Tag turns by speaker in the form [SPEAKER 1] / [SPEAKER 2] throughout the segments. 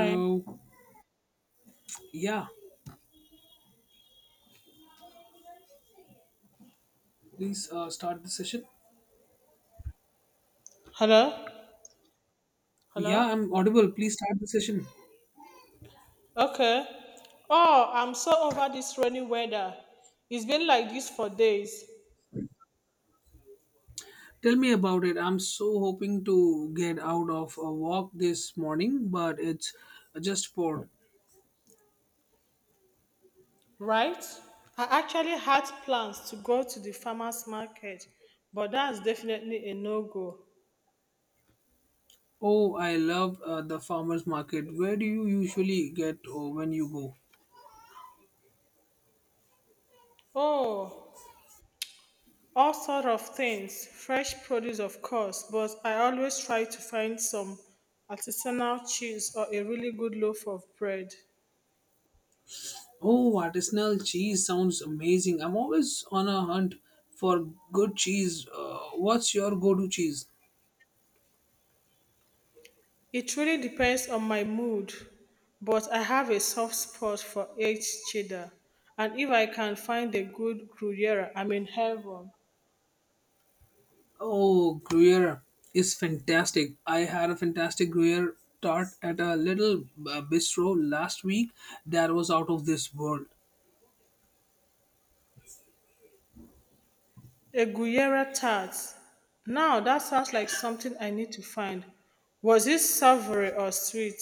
[SPEAKER 1] Hi.
[SPEAKER 2] So, yeah, please start the session.
[SPEAKER 1] Hello?
[SPEAKER 2] Yeah,
[SPEAKER 1] Hello?
[SPEAKER 2] I'm audible. Please start the session.
[SPEAKER 1] Okay. Oh, I'm so over this rainy weather. It's been like this for days,
[SPEAKER 2] Tell me about it. I'm so hoping to get out of a walk this morning, but it's just poured.
[SPEAKER 1] right? I actually had plans to go to the farmer's market, but that's definitely a no go.
[SPEAKER 2] Oh, I love the farmer's market. Where do you usually get when you go?
[SPEAKER 1] Oh, all sort of things, fresh produce, of course, but I always try to find some artisanal cheese or a really good loaf of bread.
[SPEAKER 2] Oh, artisanal cheese sounds amazing. I'm always on a hunt for good cheese. What's your go to cheese?
[SPEAKER 1] It really depends on my mood, but I have a soft spot for aged cheddar, and if I can find a good Gruyere, I'm in heaven.
[SPEAKER 2] Oh, Gruyere is fantastic. I had a fantastic Gruyere tart at a little bistro last week that was out of this world.
[SPEAKER 1] A Gruyere tart. Now that sounds like something I need to find. Was it savory or sweet?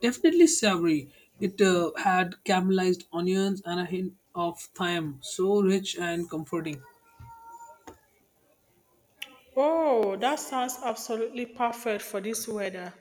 [SPEAKER 2] Definitely savory. It had caramelized onions and a hint of thyme. So rich and comforting.
[SPEAKER 1] Oh, that sounds absolutely perfect for this weather.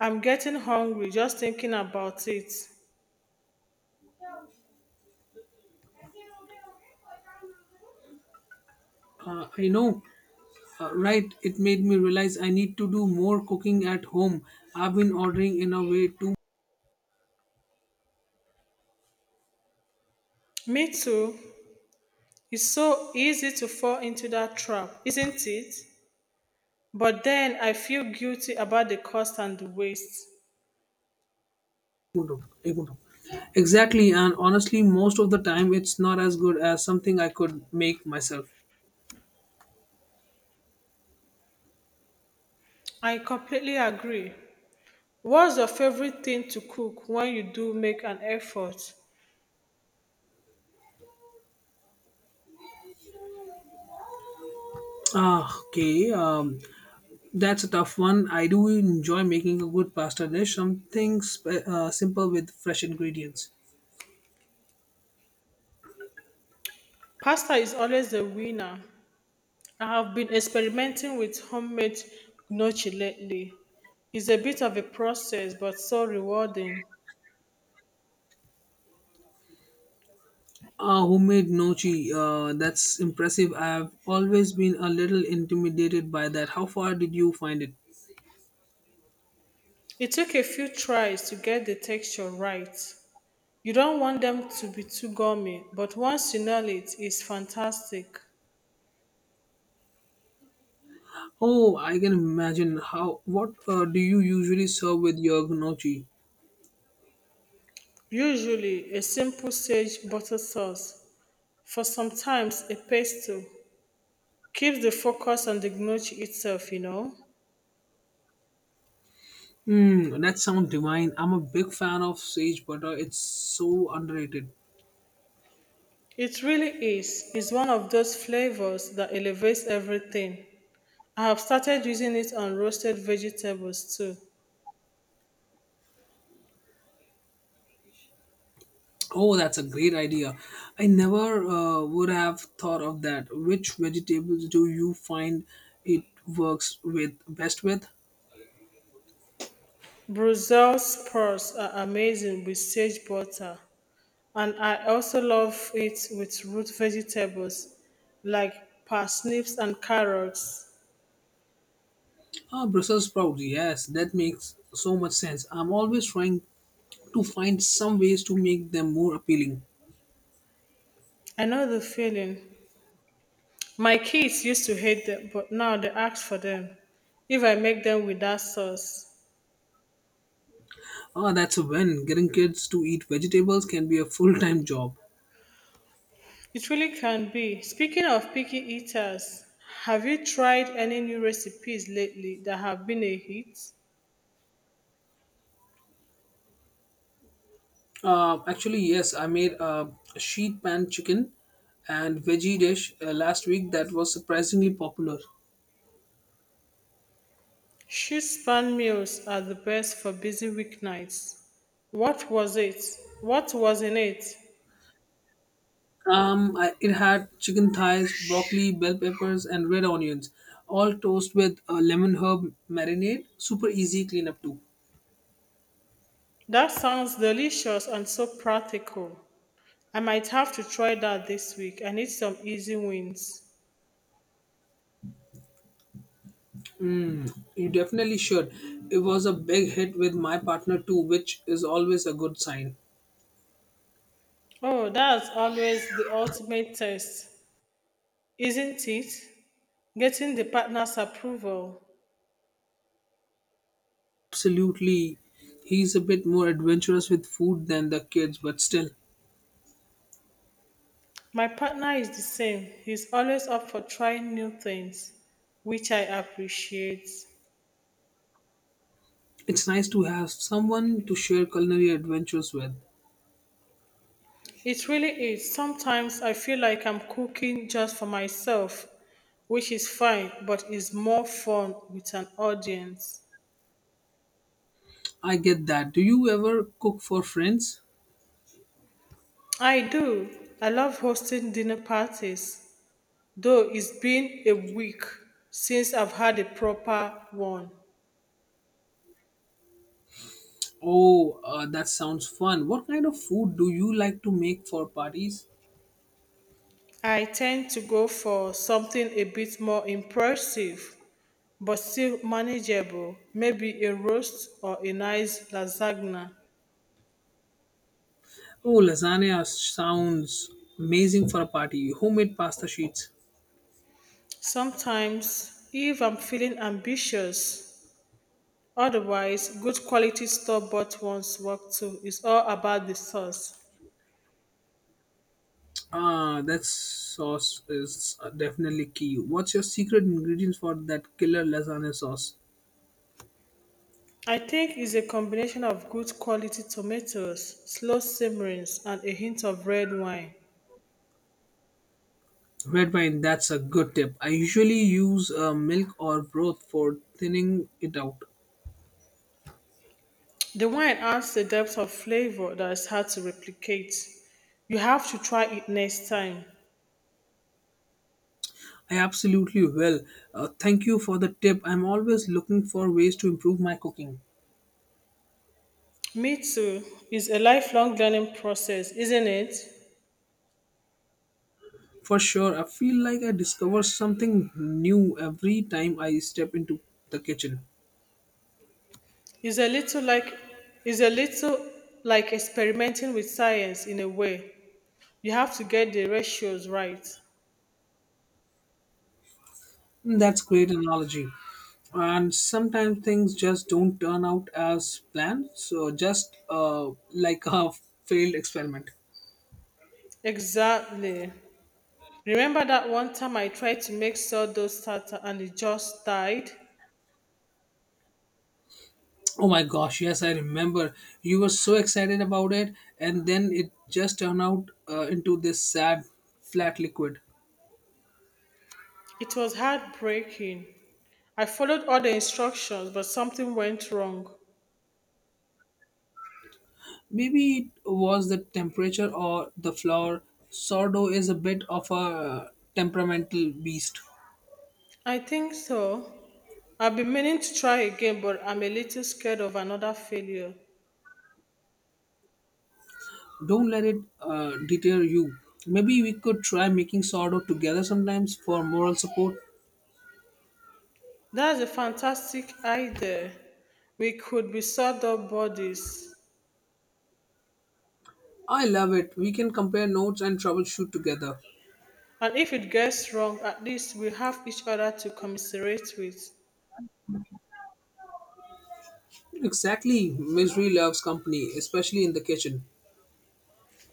[SPEAKER 1] I'm getting hungry just thinking about it.
[SPEAKER 2] I know, right? It made me realize I need to do more cooking at home. I've been ordering in a way too
[SPEAKER 1] Me too. It's so easy to fall into that trap, isn't it? But then I feel guilty about the cost and the waste.
[SPEAKER 2] Kuntum, a kuntum. Exactly, and honestly, most of the time it's not as good as something I could make myself.
[SPEAKER 1] I completely agree. What's your favorite thing to cook when you do make an effort?
[SPEAKER 2] Ah, okay, that's a tough one. I do enjoy making a good pasta dish, something simple with fresh ingredients.
[SPEAKER 1] Pasta is always the winner. I have been experimenting with homemade gnocchi lately. It's a bit of a process, but so rewarding.
[SPEAKER 2] Ah, homemade nochi, that's impressive. I've always been a little intimidated by that. How far did you find it?
[SPEAKER 1] It took a few tries to get the texture right. You don't want them to be too gummy, but once you nail it, it's fantastic.
[SPEAKER 2] Oh, I can imagine. How? What do you usually serve with your gnocchi?
[SPEAKER 1] Usually a simple sage butter sauce for sometimes a pesto keeps the focus on the gnocchi itself.
[SPEAKER 2] Hmm, that sounds divine. I'm a big fan of sage butter. It's so underrated.
[SPEAKER 1] It really is. It's one of those flavors that elevates everything. I have started using it on roasted vegetables too.
[SPEAKER 2] Oh, that's a great idea. I never would have thought of that. Which vegetables do you find it works with best with?
[SPEAKER 1] Brussels sprouts are amazing with sage butter, and I also love it with root vegetables like parsnips and carrots.
[SPEAKER 2] Ah, Brussels sprouts. Yes, that makes so much sense. I'm always trying to find some ways to make them more appealing.
[SPEAKER 1] I know the feeling. My kids used to hate them, but now they ask for them if I make them without sauce.
[SPEAKER 2] Ah, that's a win. Getting kids to eat vegetables can be a full-time job.
[SPEAKER 1] It really can be. Speaking of picky eaters, have you tried any new recipes lately that have been a hit?
[SPEAKER 2] Actually, yes, I made a sheet pan chicken and veggie dish last week that was surprisingly popular.
[SPEAKER 1] Shoot span meals are the best for busy weeknights. What was it? What was in it?
[SPEAKER 2] It had chicken thighs, broccoli, bell peppers, and red onions, all toast with a lemon herb marinade. Super easy cleanup too.
[SPEAKER 1] That sounds delicious and so practical. I might have to try that this week. I need some easy wins.
[SPEAKER 2] You definitely should. It was a big hit with my partner too, which is always a good sign.
[SPEAKER 1] Oh, that's always the ultimate test. Isn't it? Getting the partner's approval.
[SPEAKER 2] Absolutely, he's a bit more adventurous with food than the kids, but still,
[SPEAKER 1] My partner is the same. He's always up for trying new things, which I appreciate.
[SPEAKER 2] it's nice to have someone to share culinary adventures with.
[SPEAKER 1] It really is. Sometimes I feel like I'm cooking just for myself, which is fine, but is more fun with an audience.
[SPEAKER 2] I get that. Do you ever cook for friends?
[SPEAKER 1] I do. I love hosting dinner parties, though it's been a week since I've had a proper one.
[SPEAKER 2] Oh, that sounds fun. What kind of food do you like to make for parties?
[SPEAKER 1] I tend to go for something a bit more impressive, but still manageable, maybe a roast or a nice lasagna.
[SPEAKER 2] Oh, lasagna sounds amazing for a party. Homemade pasta sheets.
[SPEAKER 1] Sometimes, if I'm feeling ambitious, otherwise, good quality store bought ones work too. It's all about the sauce.
[SPEAKER 2] Ah, that sauce is definitely key. What's your secret ingredients for that killer lasagna sauce?
[SPEAKER 1] I think it's a combination of good quality tomatoes, slow simmerings, and a hint of red wine.
[SPEAKER 2] Red wine, that's a good tip. I usually use milk or broth for thinning it out.
[SPEAKER 1] The wine adds a depth of flavor that is hard to replicate. You have to try it next time.
[SPEAKER 2] I absolutely will. Thank you for the tip. I'm always looking for ways to improve my cooking.
[SPEAKER 1] Me too. It's a lifelong learning process, isn't it?
[SPEAKER 2] For sure, I feel like I discover something new every time I step into the kitchen.
[SPEAKER 1] It's a little like it's a little like experimenting with science in a way. You have to get the ratios right.
[SPEAKER 2] Hmm, that's great analogy. And sometimes things just don't turn out as planned, so just like a failed experiment.
[SPEAKER 1] Exactly. Remember that one time I tried to make sourdough starter and it just died?
[SPEAKER 2] Oh my gosh, yes, I remember. You were so excited about it, and then it just turned out into this sad, flat liquid.
[SPEAKER 1] It was heartbreaking. I followed all the instructions, but something went wrong.
[SPEAKER 2] Maybe it was the temperature or the flour. Sourdough is a bit of a temperamental beast.
[SPEAKER 1] I think so. I've been meaning to try again, but I'm a little scared of another failure.
[SPEAKER 2] Don't let it deter you. Maybe we could try making sourdough together sometimes for moral support.
[SPEAKER 1] That's a fantastic idea. We could be sort of bodies.
[SPEAKER 2] I love it. We can compare notes and troubleshoot together.
[SPEAKER 1] And if it gets wrong, at least we have each other to commiserate with.
[SPEAKER 2] Exactly. Misery loves company, especially in the kitchen.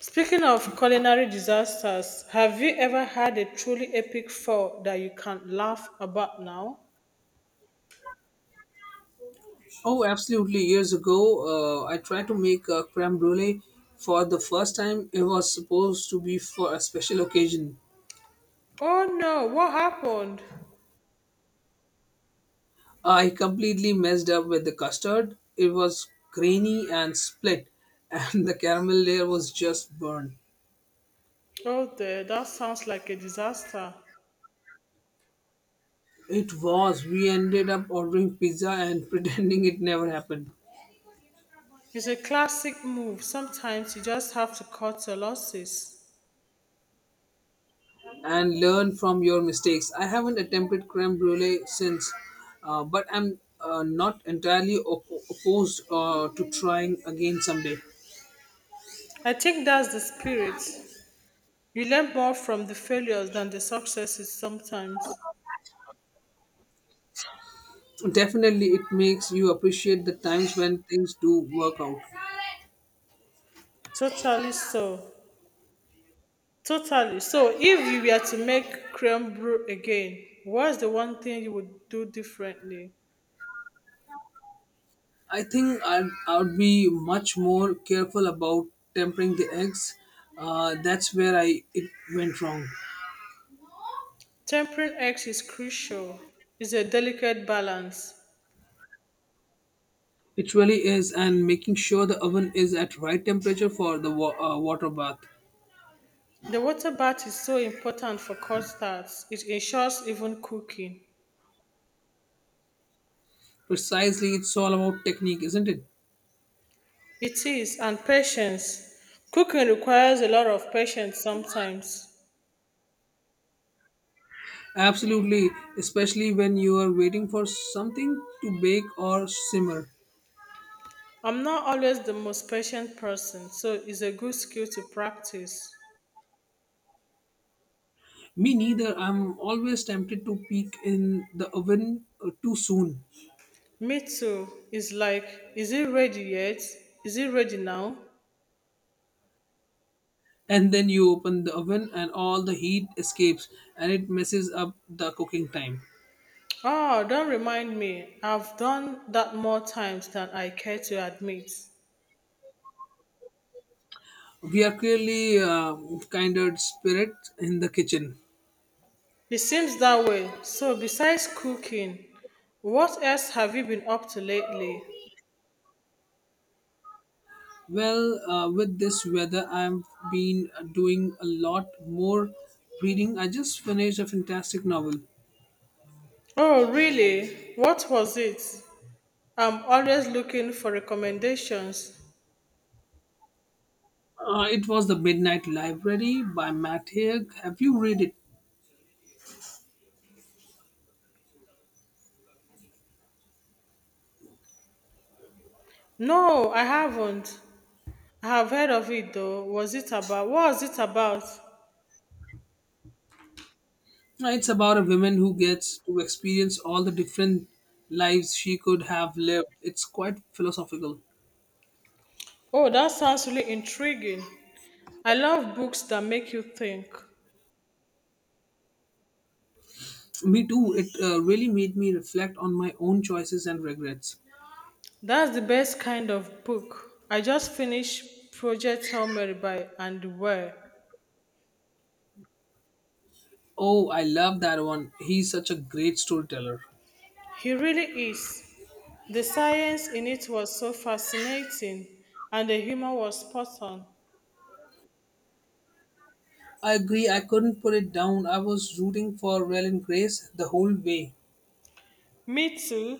[SPEAKER 1] Speaking of culinary disasters, have you ever had a truly epic fall that you can't laugh about now?
[SPEAKER 2] Oh, absolutely. Years ago, I tried to make a creme brulee for the first time. It was supposed to be for a special occasion.
[SPEAKER 1] Oh no, what happened?
[SPEAKER 2] I completely messed up with the custard. It was grainy and split, and the caramel layer was just burned.
[SPEAKER 1] Oh, dear, that sounds like a disaster.
[SPEAKER 2] It was. We ended up ordering pizza and pretending it never happened.
[SPEAKER 1] It's a classic move. Sometimes you just have to cut your losses.
[SPEAKER 2] And learn from your mistakes. I haven't attempted creme brulee since, but I'm not entirely opposed to trying again someday.
[SPEAKER 1] I think that's the spirit. You learn more from the failures than the successes sometimes.
[SPEAKER 2] Definitely, it makes you appreciate the times when things do work out.
[SPEAKER 1] Totally so. Totally. So, if you were to make creme brulee again, what's the one thing you would do differently?
[SPEAKER 2] I think I'd be much more careful about tempering the eggs. That's where I it went wrong.
[SPEAKER 1] Tempering eggs is crucial. It's a delicate balance.
[SPEAKER 2] It really is, and making sure the oven is at right temperature for the water bath.
[SPEAKER 1] The water bath is so important for custards. It ensures even cooking.
[SPEAKER 2] Precisely, it's all about technique, isn't it?
[SPEAKER 1] It is, and patience. Cooking requires a lot of patience sometimes.
[SPEAKER 2] Absolutely, especially when you are waiting for something to bake or simmer.
[SPEAKER 1] I'm not always the most patient person, so it's a good skill to practice.
[SPEAKER 2] Me neither. I'm always tempted to peek in the oven too soon.
[SPEAKER 1] Me too. It's like, is it ready yet? Is it ready now?
[SPEAKER 2] And then you open the oven and all the heat escapes and it messes up the cooking time.
[SPEAKER 1] Oh, don't remind me. I've done that more times than I care to admit.
[SPEAKER 2] We are clearly kind spirit in the kitchen.
[SPEAKER 1] It seems that way. So, besides cooking, what else have you been up to lately?
[SPEAKER 2] Well, with this weather I've been doing a lot more reading. I just finished a fantastic novel.
[SPEAKER 1] Oh, really? What was it? I'm always looking for recommendations.
[SPEAKER 2] It was The Midnight Library by Matt Haig. Have you read it?
[SPEAKER 1] No, I haven't. I have heard of it though. Was it about what was it about?
[SPEAKER 2] It's about a woman who gets to experience all the different lives she could have lived. It's quite philosophical.
[SPEAKER 1] Oh, that sounds really intriguing. I love books that make you think.
[SPEAKER 2] Me too. It really made me reflect on my own choices and regrets.
[SPEAKER 1] That's the best kind of book. I just finished Project Hail Mary by Andy Weir.
[SPEAKER 2] Oh, I love that one. He's such a great storyteller.
[SPEAKER 1] He really is. The science in it was so fascinating and the humor was spot on.
[SPEAKER 2] I agree. I couldn't put it down. I was rooting for Raylan Grace the whole way.
[SPEAKER 1] Me too.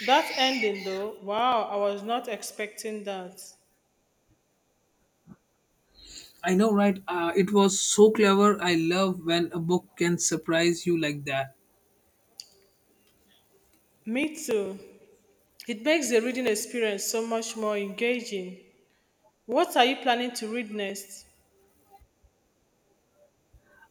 [SPEAKER 1] That ending though, wow, I was not expecting that.
[SPEAKER 2] I know, right? It was so clever. I love when a book can surprise you like that.
[SPEAKER 1] Me too. It makes the reading experience so much more engaging. What are you planning to read next?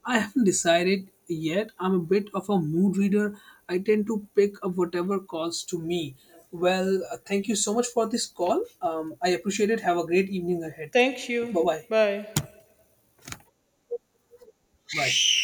[SPEAKER 2] I haven't decided yet. I'm a bit of a mood reader. I tend to pick up whatever calls to me. Well, thank you so much for this call. I appreciate it. Have a great evening ahead.
[SPEAKER 1] Thank
[SPEAKER 2] Bye
[SPEAKER 1] you.
[SPEAKER 2] bye.
[SPEAKER 1] Bye.
[SPEAKER 2] Right.